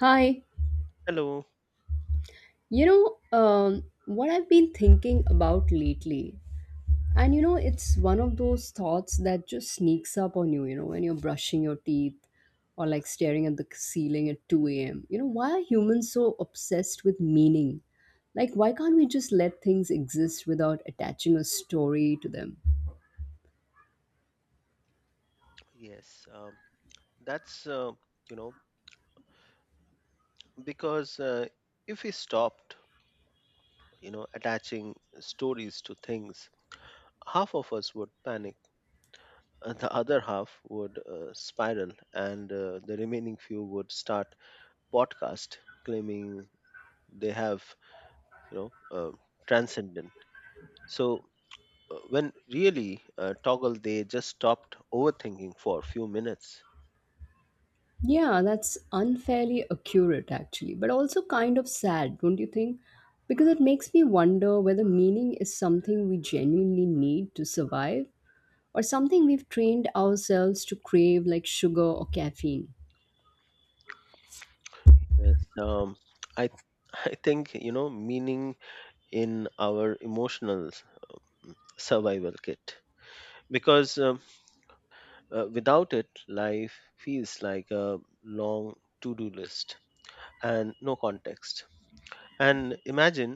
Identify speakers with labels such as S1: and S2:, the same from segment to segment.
S1: Hi,
S2: Hello.
S1: what I've been thinking about lately, and it's one of those thoughts that just sneaks up on you, when you're brushing your teeth or like staring at the ceiling at 2 a.m. Why are humans so obsessed with meaning? Like, why can't we just let things exist without attaching a story to them?
S2: Yes, that's you know because if we stopped, attaching stories to things, half of us would panic, and the other half would spiral, and the remaining few would start podcast claiming they have you know uh, transcendent. So when really toggle, they just stopped overthinking for a few minutes.
S1: Yeah, that's unfairly accurate actually, but also kind of sad, don't you think? Because it makes me wonder whether meaning is something we genuinely need to survive or something we've trained ourselves to crave like sugar or caffeine.
S2: Yes, I I think meaning in our emotional survival kit because without it life feels like a long to-do list and no context, and imagine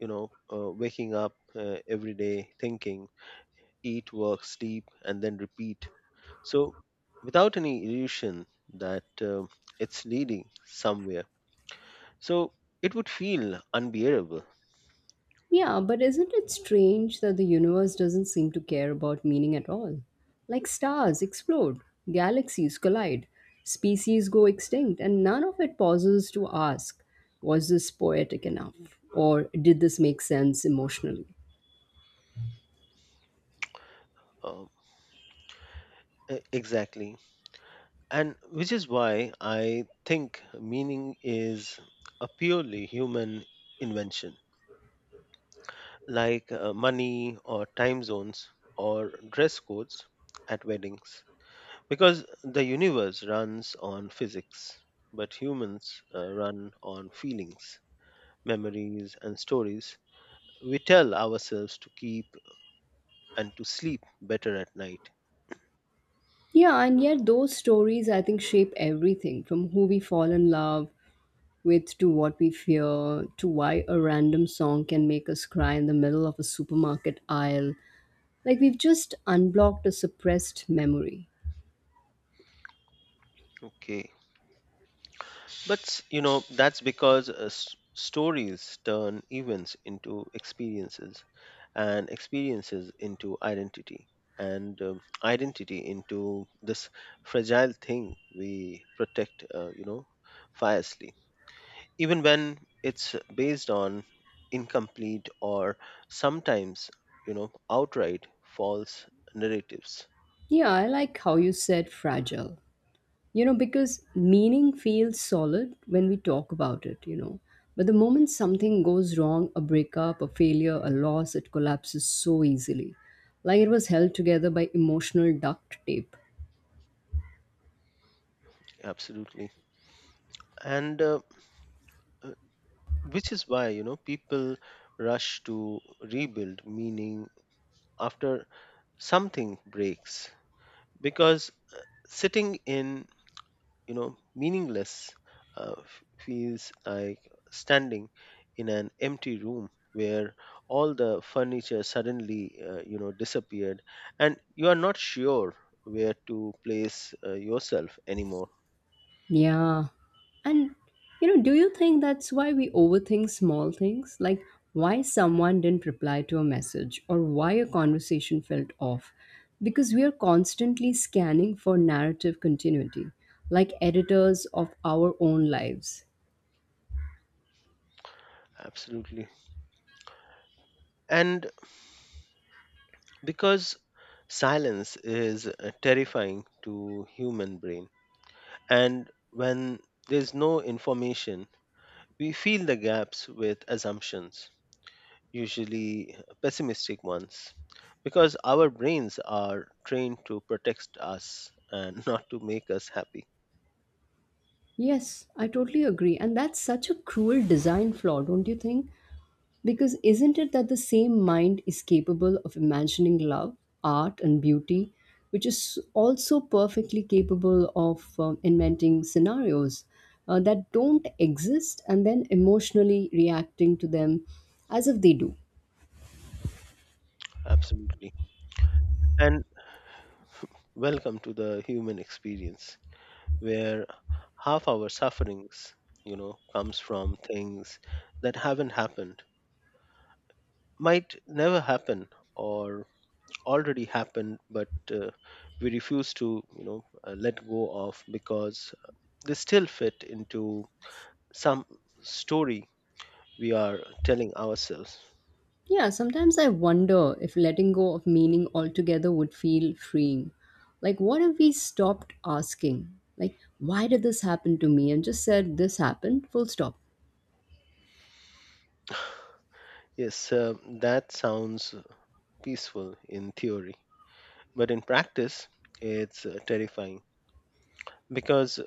S2: waking up every day thinking eat work sleep and then repeat, so without any illusion that it's leading somewhere, so it would feel unbearable.
S1: Yeah, but isn't it strange that the universe doesn't seem to care about meaning at all? Like stars explode, galaxies collide, species go extinct, and none of it pauses to ask, was this poetic enough? Or did this make sense emotionally?
S2: Um, exactly. And which is why I think meaning is a purely human invention, like money or time zones or dress codes at weddings, because the universe runs on physics, but humans run on feelings, memories, and stories we tell ourselves to keep and to sleep better at night.
S1: Yeah, and yet those stories, I think, shape everything from who we fall in love with to what we fear to why a random song can make us cry in the middle of a supermarket aisle. Like we've just unblocked a suppressed memory.
S2: Okay. But you know, that's because stories turn events into experiences, and experiences into identity, and identity into this fragile thing we protect, fiercely, even when it's based on incomplete or sometimes, you know, outright false narratives.
S1: Yeah, I like how you said fragile. Because meaning feels solid when we talk about it. But the moment something goes wrong, a breakup, a failure, a loss, it collapses so easily. Like it was held together by emotional duct tape.
S2: Absolutely. And which is why people rush to rebuild meaning after something breaks, because sitting in meaningless feels like standing in an empty room where all the furniture suddenly disappeared and you are not sure where to place yourself anymore.
S1: Yeah. And, do you think that's why we overthink small things? Like why someone didn't reply to a message or why a conversation felt off? Because we are constantly scanning for narrative continuity, like editors of our own lives.
S2: Absolutely. And because silence is terrifying to human brain. And when there's no information, we fill the gaps with assumptions, usually pessimistic ones, because our brains are trained to protect us and not to make us happy.
S1: Yes, I totally agree. And that's such a cruel design flaw, don't you think? Because isn't it that the same mind is capable of imagining love, art, and beauty, which is also perfectly capable of inventing scenarios that don't exist and then emotionally reacting to them as if they do?
S2: Absolutely. And welcome to the human experience, where half our sufferings, you know, comes from things that haven't happened, might never happen, or already happened but we refuse to let go of, because they still fit into some story we are telling ourselves.
S1: Yeah, sometimes I wonder if letting go of meaning altogether would feel freeing. Like, what if we stopped asking? Like, why did this happen to me? And just said, this happened, full stop.
S2: Yes, that sounds peaceful in theory but in practice it's terrifying, because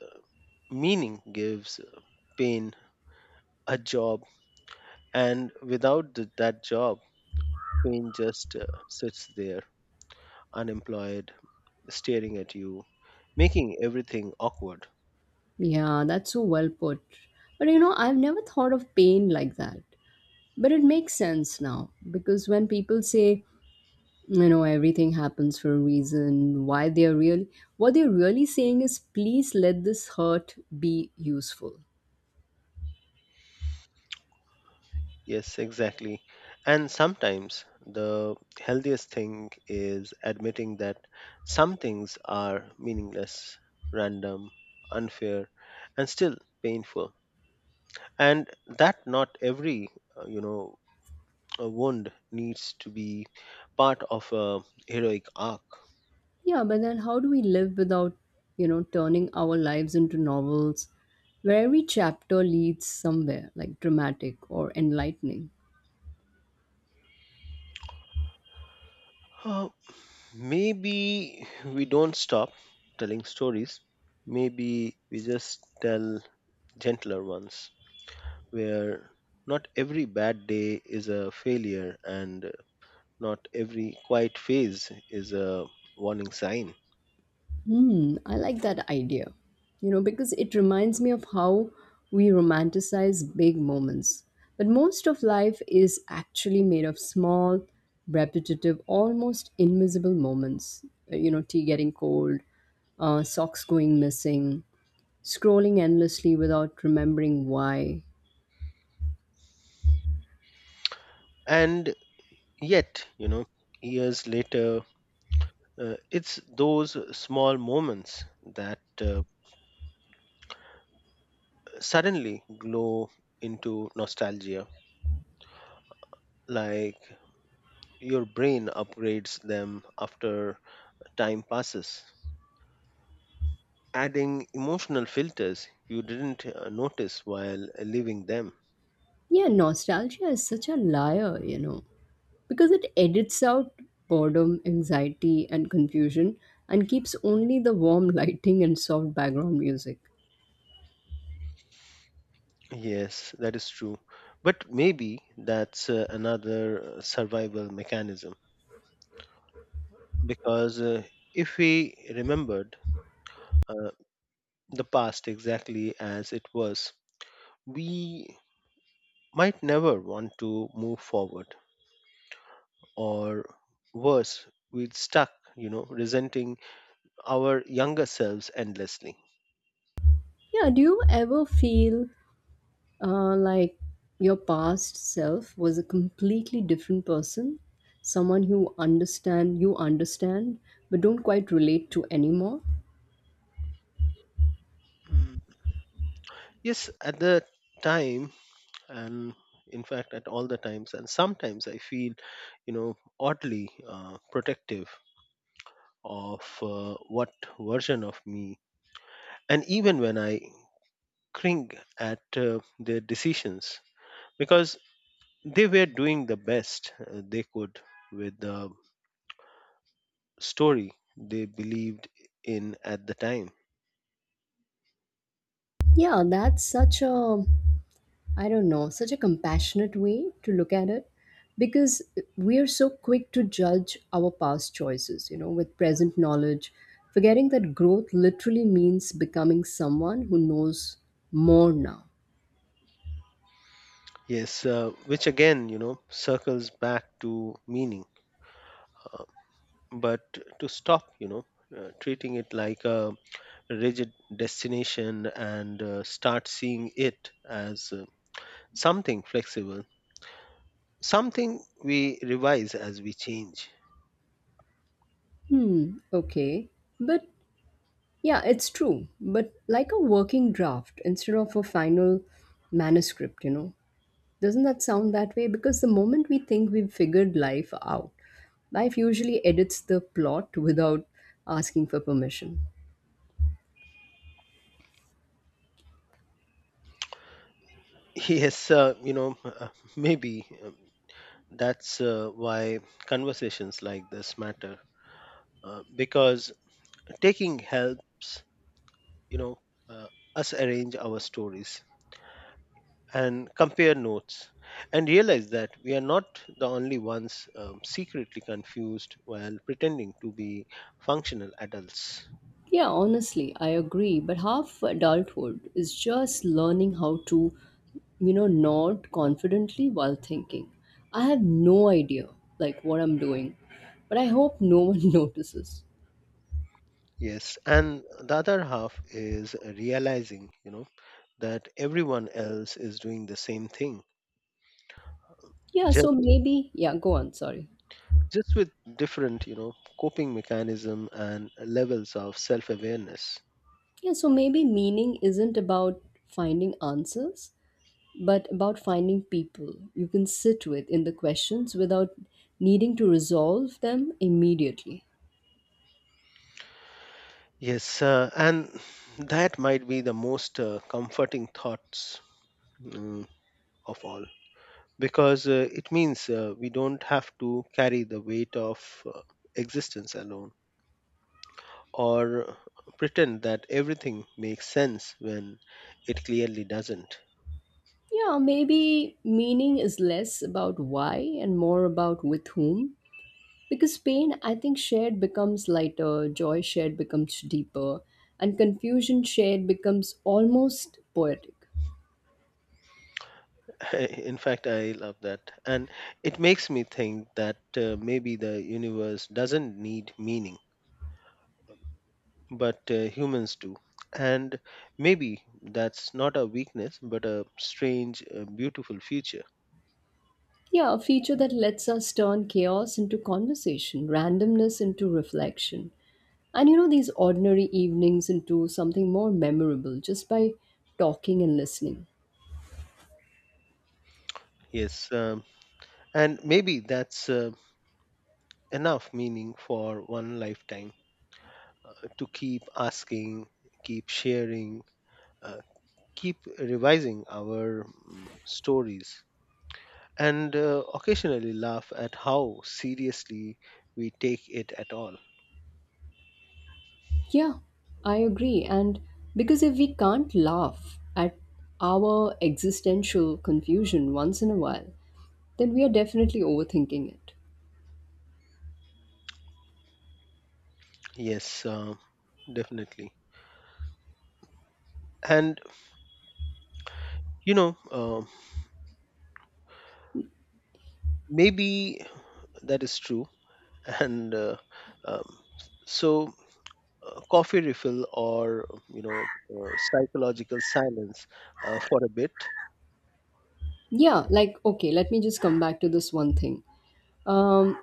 S2: meaning gives pain a job, and without that job pain just sits there unemployed, staring at you, making everything awkward.
S1: Yeah, that's so well put. But I've never thought of pain like that. But it makes sense now because when people say, everything happens for a reason, what they're really saying is, please let this hurt be useful.
S2: Yes, exactly. And sometimes the healthiest thing is admitting that some things are meaningless, random, unfair, and still painful. And that not every, uh, you know, wound needs to be part of a heroic arc.
S1: Yeah, but then how do we live without, turning our lives into novels where every chapter leads somewhere like dramatic or enlightening?
S2: Uh, Maybe we don't stop telling stories. Maybe we just tell gentler ones, where not every bad day is a failure and not every quiet phase is a warning sign.
S1: Hmm, I like that idea. Because it reminds me of how we romanticize big moments. But most of life is actually made of small, repetitive, almost invisible moments. Tea getting cold, socks going missing, scrolling endlessly without remembering why.
S2: And yet, you know, years later, it's those small moments that suddenly glow into nostalgia, like your brain upgrades them after time passes, adding emotional filters you didn't notice while living them.
S1: Yeah, nostalgia is such a liar. Because it edits out boredom, anxiety, and confusion and keeps only the warm lighting and soft background music.
S2: Yes, that is true. But maybe that's another survival mechanism, because if we remembered uh, the past exactly as it was, we might never want to move forward, or worse, we'd stuck, you know, resenting our younger selves endlessly.
S1: Yeah, do you ever feel like your past self was a completely different person? Someone who understand you understand but don't quite relate to anymore?
S2: Mm, yes, at the time, and in fact, at all the times, and sometimes I feel, you know, oddly protective of what version of me, and even when I cring at their decisions, because they were doing the best they could with the story they believed in at the time.
S1: Yeah, that's such a, I don't know, such a compassionate way to look at it because we are so quick to judge our past choices, with present knowledge, forgetting that growth literally means becoming someone who knows more now.
S2: Yes, which again you know circles back to meaning, uh, but to stop treating it like a rigid destination and start seeing it as something flexible, something we revise as we change.
S1: Hmm, okay. But yeah, it's true. But like a working draft instead of a final manuscript. Doesn't that sound that way? Because the moment we think we've figured life out, life usually edits the plot without asking for permission.
S2: Yes, maybe that's why conversations like this matter, because taking helps you know uh, us arrange our stories and compare notes and realize that we are not the only ones, secretly confused while pretending to be functional adults.
S1: Yeah, honestly, I agree. But half adulthood is just learning how to, nod confidently while thinking. I have no idea, like, what I'm doing, but I hope no one notices.
S2: Yes, and the other half is realizing that everyone else is doing the same thing,
S1: Yeah, so
S2: just
S1: maybe, yeah, go on, sorry.
S2: with different, you know, coping mechanism and levels of self awareness.
S1: Yeah, so maybe meaning isn't about finding answers, but about finding people you can sit with in the questions without needing to resolve them immediately.
S2: Yes, and that might be the most comforting thoughts, mm, of all, because it means we don't have to carry the weight of uh, existence alone, or pretend that everything makes sense when it clearly doesn't.
S1: Yeah, maybe meaning is less about why and more about with whom. Because pain, I think, shared becomes lighter, joy shared becomes deeper, and confusion shared becomes almost poetic.
S2: In fact, I love that. And it makes me think that maybe the universe doesn't need meaning, but humans do. And maybe that's not a weakness, but a strange, beautiful future.
S1: Yeah, a feature that lets us turn chaos into conversation, randomness into reflection. And these ordinary evenings into something more memorable just by talking and listening.
S2: Yes. And maybe that's enough meaning for one lifetime, to keep asking, keep sharing, uh, keep revising our stories. And occasionally laugh at how seriously we take it at all.
S1: Yeah, I agree. And because if we can't laugh at our existential confusion once in a while, then we are definitely overthinking it.
S2: Yes, definitely. And you know, maybe that is true. And um, so, coffee refill or you know, psychological silence for a bit.
S1: Yeah, like, okay, let me just come back to this one thing. Um,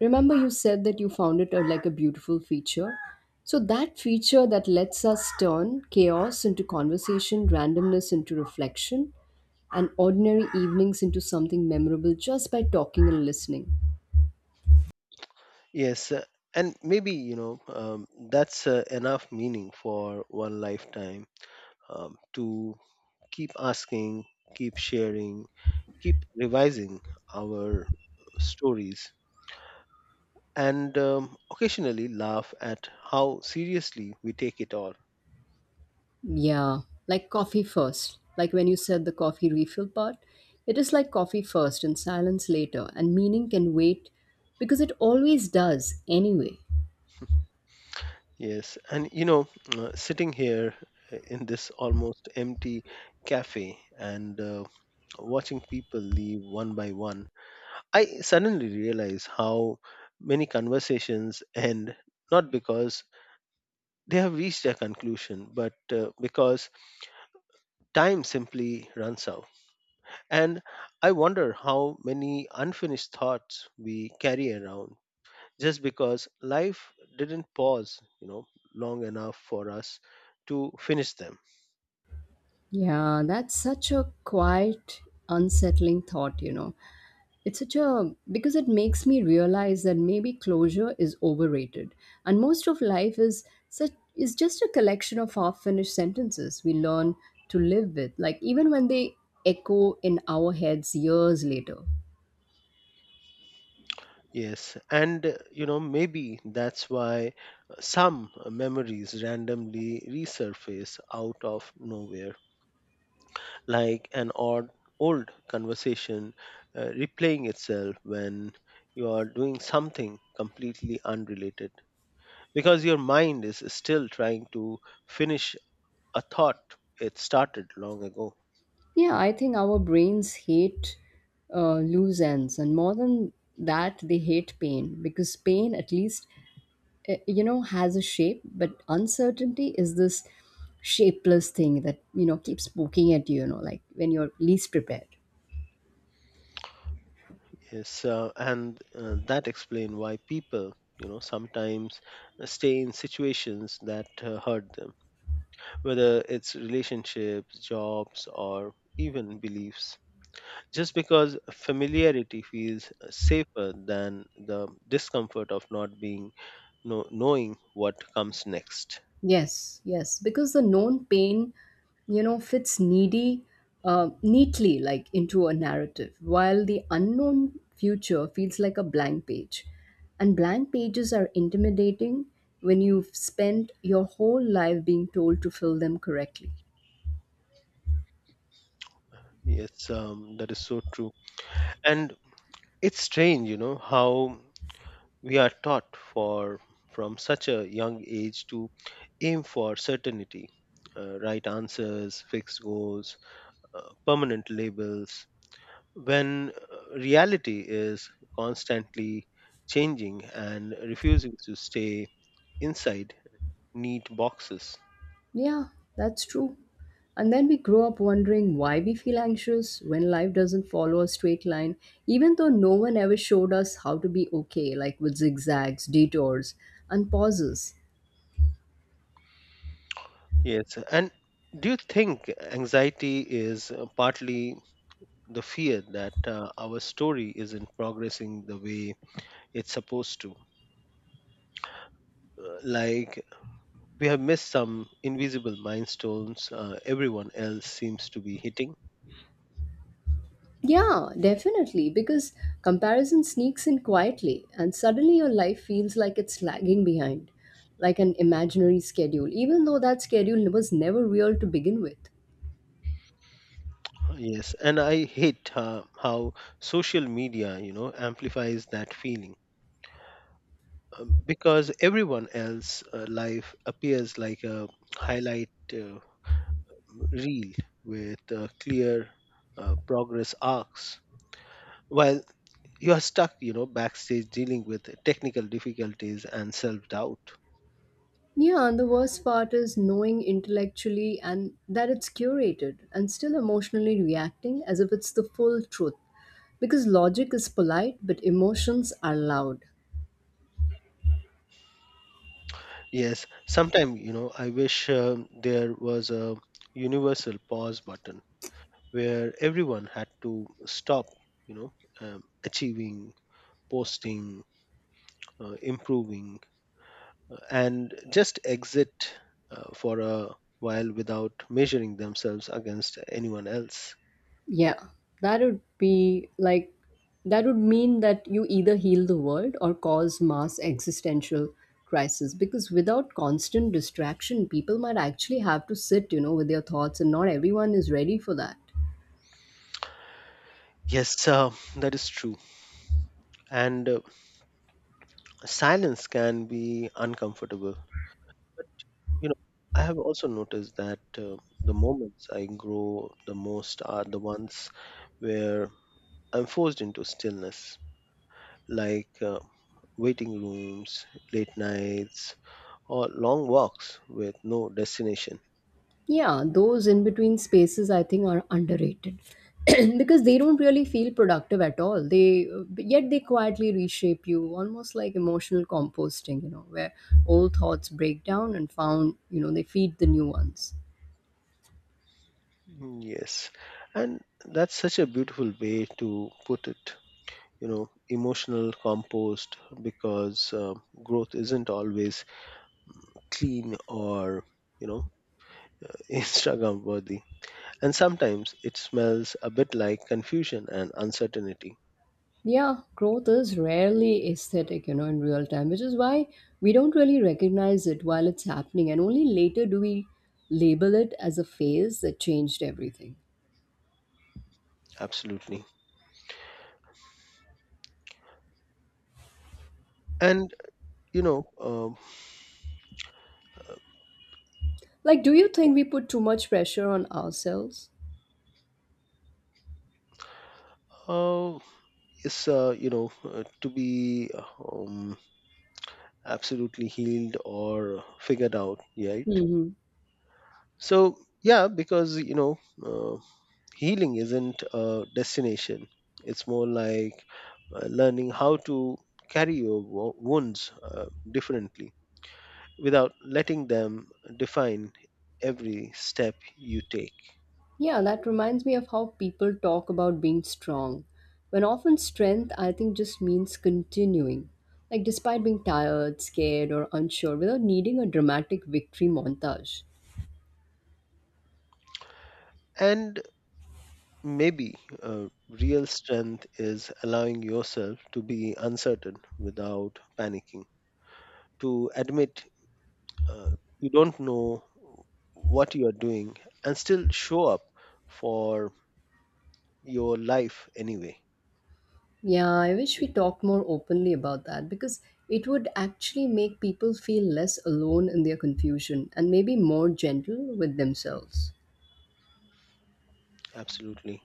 S1: remember, you said that you found like a beautiful feature. So, that feature that lets us turn chaos into conversation, randomness into reflection, and ordinary evenings into something memorable just by talking and listening.
S2: Yes, and maybe that's enough meaning for one lifetime, to keep asking, keep sharing, keep revising our stories, and occasionally laugh at how seriously we take it all.
S1: Yeah, like coffee first. Like when you said the coffee refill part, it is like coffee first and silence later, and meaning can wait because it always does anyway.
S2: Yes, and you know, sitting here in this almost empty cafe and watching people leave one by one, I suddenly realize how many conversations end not because they have reached a conclusion, but because time simply runs out. And I wonder how many unfinished thoughts we carry around just because life didn't pause, you know, long enough for us to finish them.
S1: Yeah, that's such a quiet, unsettling thought. It's such a because it makes me realize that maybe closure is overrated, and most of life is such is just a collection of half-finished sentences we learn to live with, like even when they echo in our heads years later.
S2: Yes, and you know, maybe that's why some memories randomly resurface out of nowhere, like an odd old conversation replaying itself when you are doing something completely unrelated, because your mind is still trying to finish a thought it started long ago.
S1: Yeah, I think our brains hate loose ends, and more than that, they hate pain because pain, at least has a shape, but uncertainty is this shapeless thing that keeps poking at you you know like when you're least prepared.
S2: Yes, and that explain why people sometimes stay in situations that hurt them, whether it's relationships, jobs, or even beliefs, just because familiarity feels safer than the discomfort of not being, no, knowing what comes next.
S1: Yes, yes, because the known pain fits needy neatly like into a narrative, while the unknown future feels like a blank page, and blank pages are intimidating when you've spent your whole life being told to fill them correctly.
S2: Yes, that is so true. And it's strange, you know, how we are taught for from such a young age to aim for certainty, right answers, fixed goals, permanent labels, when reality is constantly changing and refusing to stay inside neat boxes.
S1: Yeah, that's true. And then we grow up wondering why we feel anxious when life doesn't follow a straight line, even though no one ever showed us how to be okay, like with zigzags, detours, and pauses.
S2: Yes, and do you think anxiety is partly the fear that our story isn't progressing the way it's supposed to? Like we have missed some invisible milestones everyone else seems to be hitting.
S1: Yeah, definitely, because comparison sneaks in quietly, and suddenly your life feels like it's lagging behind, like an imaginary schedule, even though that schedule was never real to begin with.
S2: Yes, and I hate how social media you know amplifies that feeling, because everyone else life appears like a highlight reel with clear progress arcs, while you are stuck you know backstage dealing with technical difficulties and self doubt.
S1: Yeah, and the worst part is knowing intellectually and that it's curated and still emotionally reacting as if it's the full truth. Because logic is polite, but emotions are loud.
S2: Yes, sometime, you know, I wish there was a universal pause button, where everyone had to stop, you know, achieving, posting, improving, and just exit for a while without measuring themselves against anyone else.
S1: Yeah, that would be like, that would mean that you either heal the world or cause mass existential crisis. Because without constant distraction, people might actually have to sit, with their thoughts, and not everyone is ready for that.
S2: Yes, that is true. And silence can be uncomfortable. You know, I have also noticed that the moments I grow the most are the ones where I'm forced into stillness, like waiting rooms, late nights, or long walks with no destination.
S1: Yeah, those in between spaces I think are underrated because they don't really feel productive at all. They But yet they quietly reshape you, almost like emotional composting, where old thoughts break down and found, they feed the new ones.
S2: Mm, yes, and that's such a beautiful way to put it. You know, emotional compost, because growth isn't always clean or, you know, Instagram worthy. And sometimes it smells a bit like confusion and uncertainty.
S1: Yeah, growth is rarely aesthetic, in real time, which is why we don't really recognize it while it's happening, and only later do we label it as a phase that changed everything.
S2: Absolutely. And, you know,
S1: Like, do you think we put too much pressure on ourselves?
S2: how is, to be um, absolutely healed or figured out, right?
S1: Mhm.
S2: So, yeah, because, you know, uh, healing isn't a destination, it's more like learning how to carry your wounds differently, without letting them define every step you take.
S1: Yeah, that reminds me of how people talk about being strong. When often strength, I think, just means continuing. Like, despite being tired, scared, or unsure, without needing a dramatic victory montage.
S2: And maybe real strength is allowing yourself to be uncertain without panicking, to admit uh, you don't know what you are doing and still show up for your life anyway.
S1: Yeah, I wish we talked more openly about that because it would actually make people feel less alone in their confusion and maybe more gentle with themselves.
S2: Absolutely.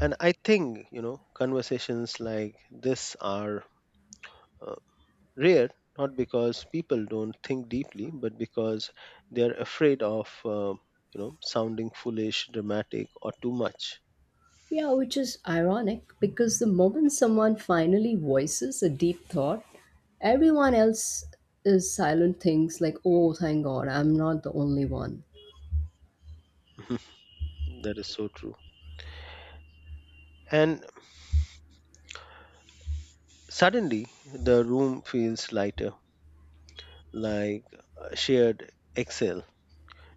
S2: And I think, you know, conversations like this are uh, rare, not because people don't think deeply, but because they're afraid of, sounding foolish, dramatic, or too much.
S1: Yeah, which is ironic because the moment someone finally voices a deep thought, everyone else is silent. Thinks like, oh, thank God, I'm not the only one.
S2: That is so true. And suddenly the room feels lighter, like a shared exhale,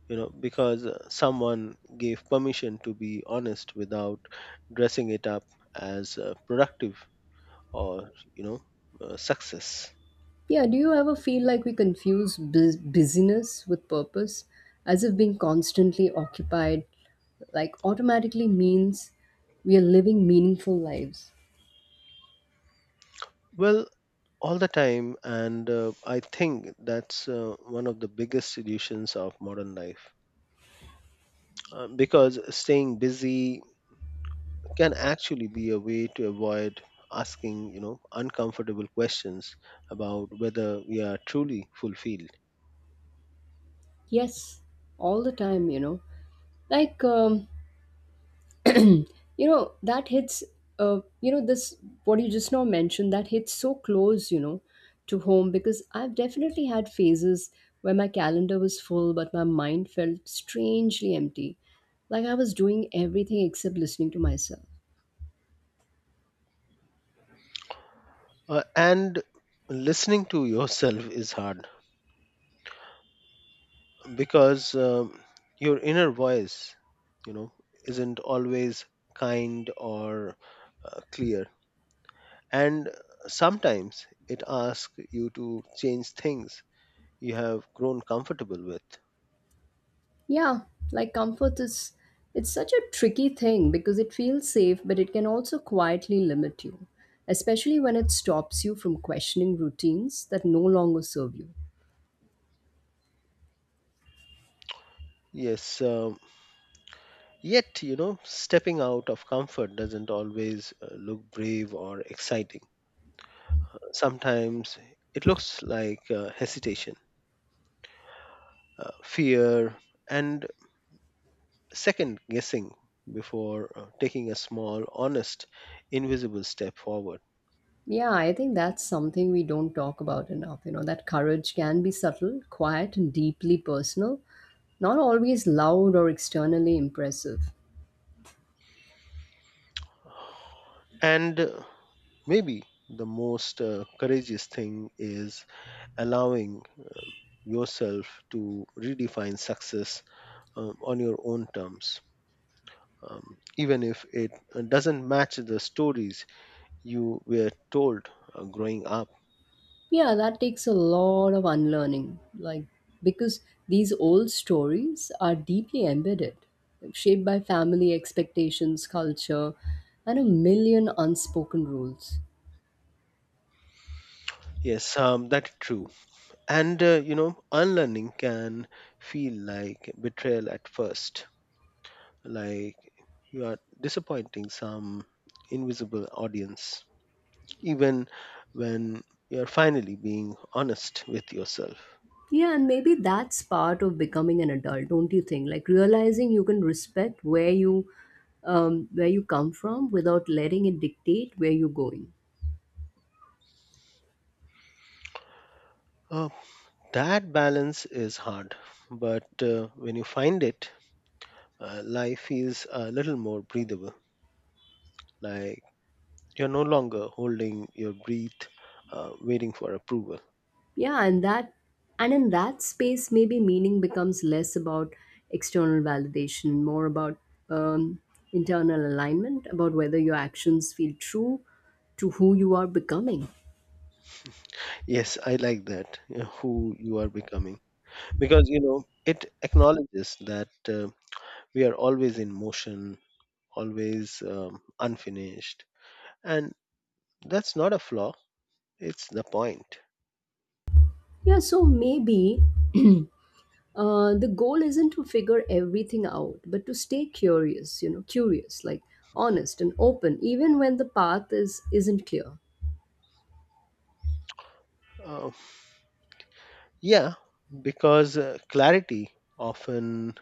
S2: you know, because someone gave permission to be honest without dressing it up as productive or, you know, success.
S1: Yeah, do you ever feel like we confuse busyness with purpose, as if being constantly occupied like automatically means we are living meaningful lives?
S2: Well, all the time, and I think that's one of the biggest solutions of modern life. Because staying busy can actually be a way to avoid asking uncomfortable questions about whether we are truly fulfilled.
S1: Yes, all the time. Like, you know that hits you know this what you just now mentioned that hits so close to home, because I've definitely had phases where my calendar was full but my mind felt strangely empty, like I was doing everything except listening to myself.
S2: And listening to yourself is hard because your inner voice you know isn't always kind or clear, and sometimes it asks you to change things you have grown comfortable with.
S1: Yeah, like comfort is, it's such a tricky thing because it feels safe but it can also quietly limit you, especially when it stops you from questioning routines that no longer serve you.
S2: Yes. Yet, you know, stepping out of comfort doesn't always look brave or exciting. Sometimes it looks like hesitation, fear, and second guessing before taking a small, honest, invisible step forward.
S1: Yeah, I think that's something we don't talk about enough. You know that courage can be subtle, quiet, and deeply personal, not always loud or externally impressive.
S2: And Maybe the most courageous thing is allowing yourself to redefine success on your own terms. Even if it doesn't match the stories you were told growing up.
S1: Yeah, that takes a lot of unlearning, like because these old stories are deeply embedded, shaped by family expectations, culture, and a million unspoken rules.
S2: Yes, that's true. And you know, unlearning can feel like betrayal at first, like you are disappointing some invisible audience, even when you are finally being honest with yourself.
S1: Yeah, and maybe that's part of becoming an adult, don't you think? Like realizing you can respect where you come from without letting it dictate where you're going.
S2: Uh, that balance is hard, but when you find it, life feels a little more breathable. Like you're no longer holding your breath, waiting for approval.
S1: Yeah, and that and in that space, maybe meaning becomes less about external validation, more about um, internal alignment, about whether your actions feel true to who you are becoming.
S2: Yes, I like that. Who you are becoming, because you know it acknowledges that we are always in motion, always unfinished, and that's not a flaw. It's the point.
S1: Yeah, so maybe The goal isn't to figure everything out, but to stay curious, you know, curious, like honest and open, even when the path is isn't clear.
S2: Uh, yeah, because clarity often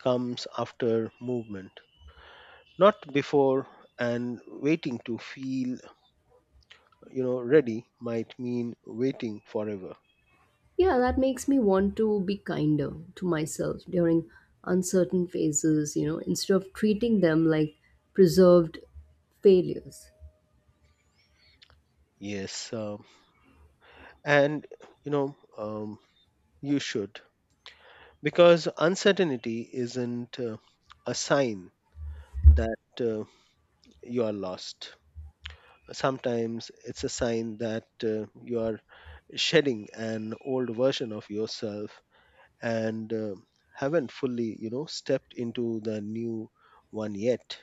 S2: comes after movement, not before. And waiting to feel, you know, ready might mean waiting forever.
S1: Yeah, that makes me want to be kinder to myself during uncertain phases, you know, instead of treating them like preserved failures.
S2: Yes, and you know, um, you should. Because uncertainty isn't a sign that you are lost. Sometimes it's a sign that you are shedding an old version of yourself and haven't fully stepped into the new one yet.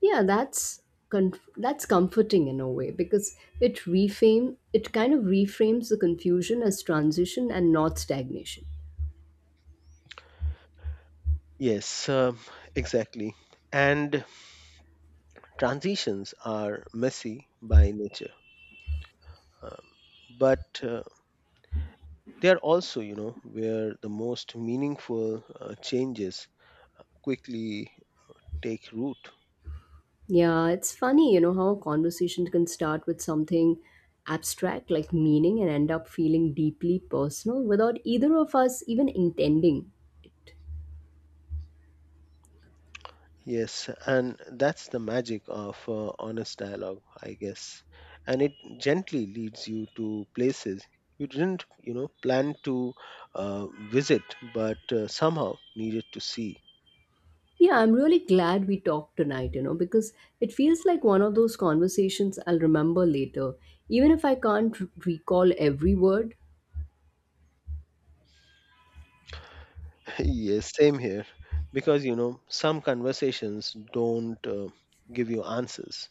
S1: Yeah, that's comforting in a way because it kind of reframes the confusion as transition and not stagnation.
S2: Yes, exactly. And transitions are messy by nature, um, but they are also where the most meaningful changes quickly take root.
S1: Yeah, it's funny, you know, how a conversation can start with something abstract like meaning and end up feeling deeply personal without either of us even intending it.
S2: Yes, and that's the magic of honest dialogue, I guess. And it gently leads you to places you didn't, you know, plan to visit, but somehow needed to see.
S1: Yeah, I'm really glad we talked tonight, you know, because it feels like one of those conversations I'll remember later, even if I can't recall every word.
S2: Yes, same here. Because, you know, some conversations don't give you answers,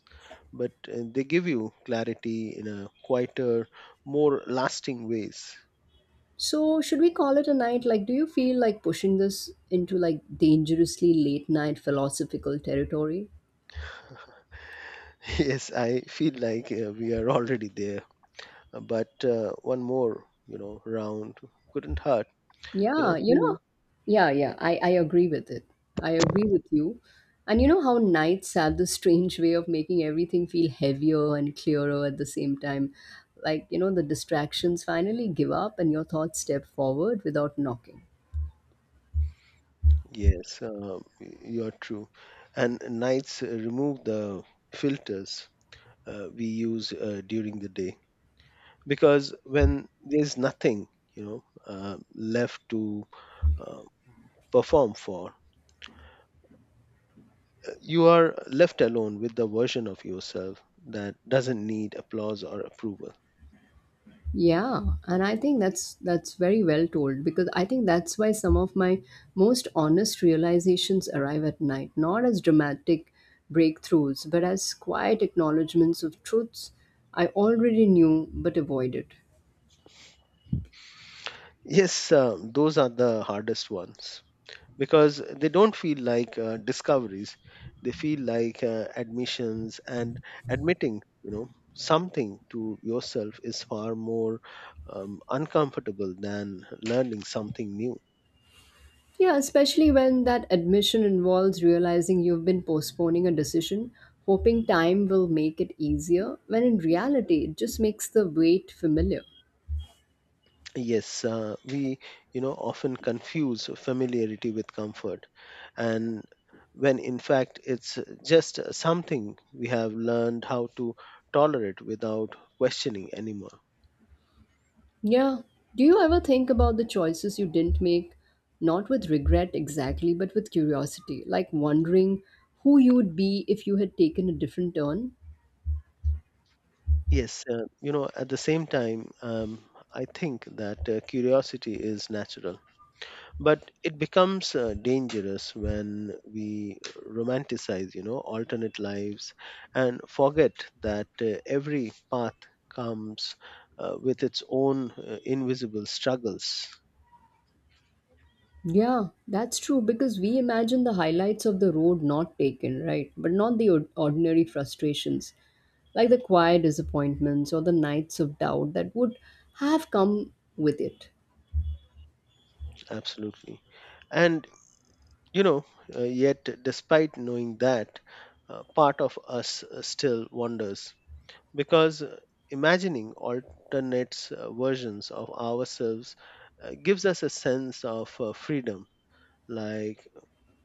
S2: but they give you clarity in a quieter, more lasting ways.
S1: So, should we call it a night? Like, do you feel like pushing this into like dangerously late night philosophical territory?
S2: Yes, I feel like we are already there. But one more, you know, round couldn't hurt. You
S1: Yeah,
S2: know,
S1: you know,
S2: really?
S1: yeah, yeah, I agree with it. I agree with you. And you know how nights have this strange way of making everything feel heavier and clearer at the same time. Like, you know, the distractions finally give up and your thoughts step forward without knocking.
S2: Yes, you're true. And nights remove the filters we use during the day because when there's nothing, left to uh, perform for, you are left alone with the version of yourself that doesn't need applause or approval.
S1: Yeah, and I think that's very well told because I think that's why some of my most honest realizations arrive at night, not as dramatic breakthroughs, but as quiet acknowledgments of truths I already knew but avoided.
S2: Yes, those are the hardest ones. Because they don't feel like discoveries, they feel like admissions. And admitting something to yourself is far more uncomfortable than learning something new.
S1: Yeah, especially when that admission involves realizing you've been postponing a decision, hoping time will make it easier, when in reality it just makes the wait familiar.
S2: Yes, we often confuse familiarity with comfort, and when in fact it's just something we have learned how to tolerate without questioning anymore.
S1: Yeah. Do you ever think about the choices you didn't make? Not with regret exactly, but with curiosity, like wondering who you would be if you had taken a different turn?
S2: Yes, you know, at the same time, I think that curiosity is natural, but it becomes dangerous when we romanticize, you know, alternate lives and forget that every path comes with its own invisible struggles.
S1: Yeah, that's true because we imagine the highlights of the road not taken, right? But not the ordinary frustrations, like the quiet disappointments or the nights of doubt that would have come with it.
S2: Absolutely. And, you know, yet despite knowing that, part of us still wanders because imagining alternate versions of ourselves gives us a sense of freedom, like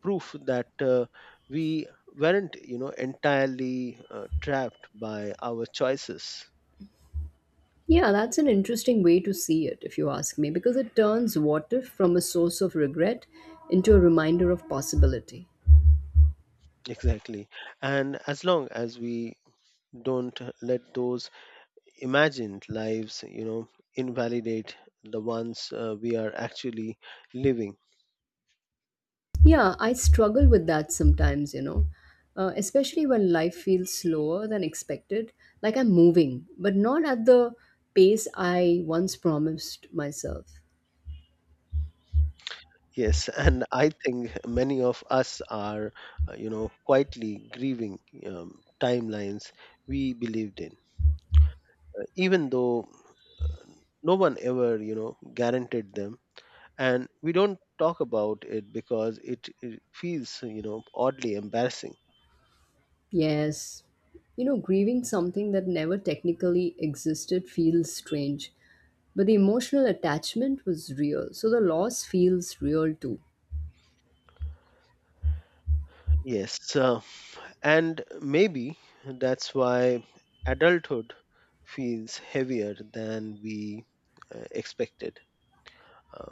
S2: proof that we weren't entirely trapped by our choices.
S1: Yeah, that's an interesting way to see it, if you ask me, because it turns what if from a source of regret into a reminder of possibility.
S2: Exactly. And as long as we don't let those imagined lives invalidate the ones we are actually living.
S1: Yeah, I struggle with that sometimes, you know, especially when life feels slower than expected, like I'm moving, but not at the pace I once promised myself.
S2: Yes, and I think many of us are, you know, quietly grieving timelines we believed in, even though no one ever, you know, guaranteed them. And we don't talk about it because it feels, you know, oddly embarrassing.
S1: Yes, you know, grieving something that never technically existed feels strange, but the emotional attachment was real, so the loss feels real too.
S2: Yes, and maybe that's why adulthood feels heavier than we expected. Uh,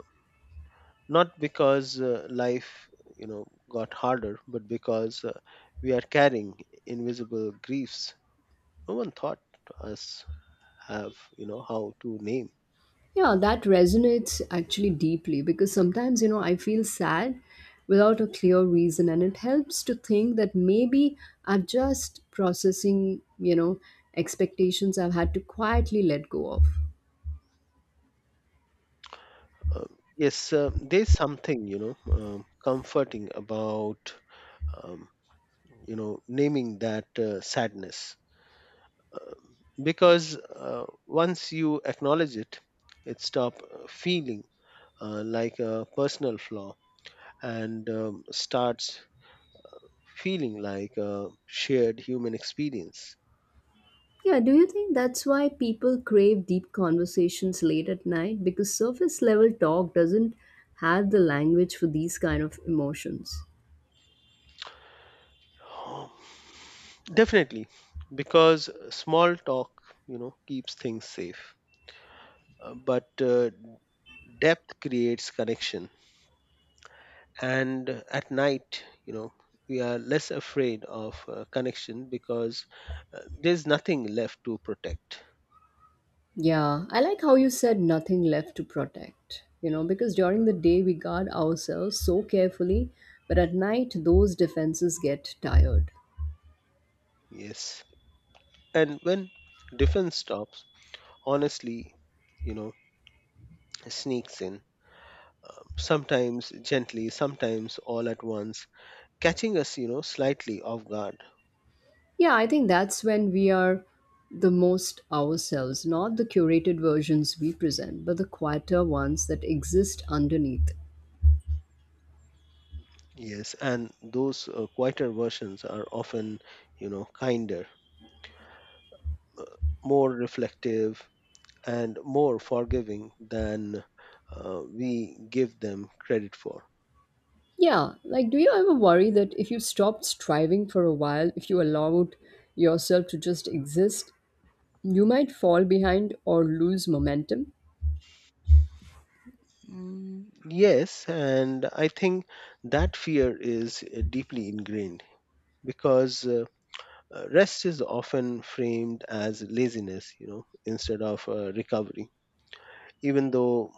S2: Not because life got harder, but because we are carrying invisible griefs no one thought us have how to name.
S1: Yeah, that resonates actually deeply because sometimes, you know, I feel sad without a clear reason, and it helps to think that maybe I'm just processing, you know, expectations I've had to quietly let go of.
S2: um, yes, there's something comforting about um, naming that sadness, um, because once you acknowledge it, it stop feeling like a personal flaw and starts feeling like a shared human experience.
S1: Yeah, do you think that's why people crave deep conversations late at night? Because surface level talk doesn't have the language for these kind of emotions.
S2: Oh, definitely, because small talk, you know, keeps things safe. But depth creates connection. And at night, you know, we are less afraid of connection because there's nothing left to protect.
S1: Yeah, I like how you said nothing left to protect, you know, because during the day we guard ourselves so carefully, but at night those defenses get tired.
S2: Yes, and when defense stops, honestly, you know, sneaks in. Sometimes gently, sometimes all at once, catching us, you know, slightly off guard.
S1: Yeah, I think that's when we are the most ourselves, not the curated versions we present, but the quieter ones that exist underneath.
S2: Yes, and those quieter versions are often, you know, kinder, more reflective, and more forgiving than we give them credit for.
S1: Yeah, like do you ever worry that if you stopped striving for a while, if you allowed yourself to just exist, you might fall behind or lose momentum?
S2: Mm, yes, and I think that fear is deeply ingrained because rest is often framed as laziness, you know, instead of recovery. Even though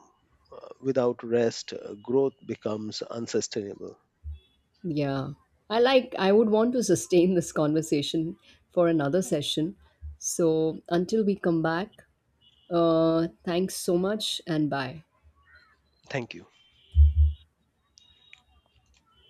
S2: without rest, growth becomes unsustainable.
S1: Yeah. I like I would want to sustain this conversation for another session. So until we come back, thanks so much and bye.
S2: Thank you.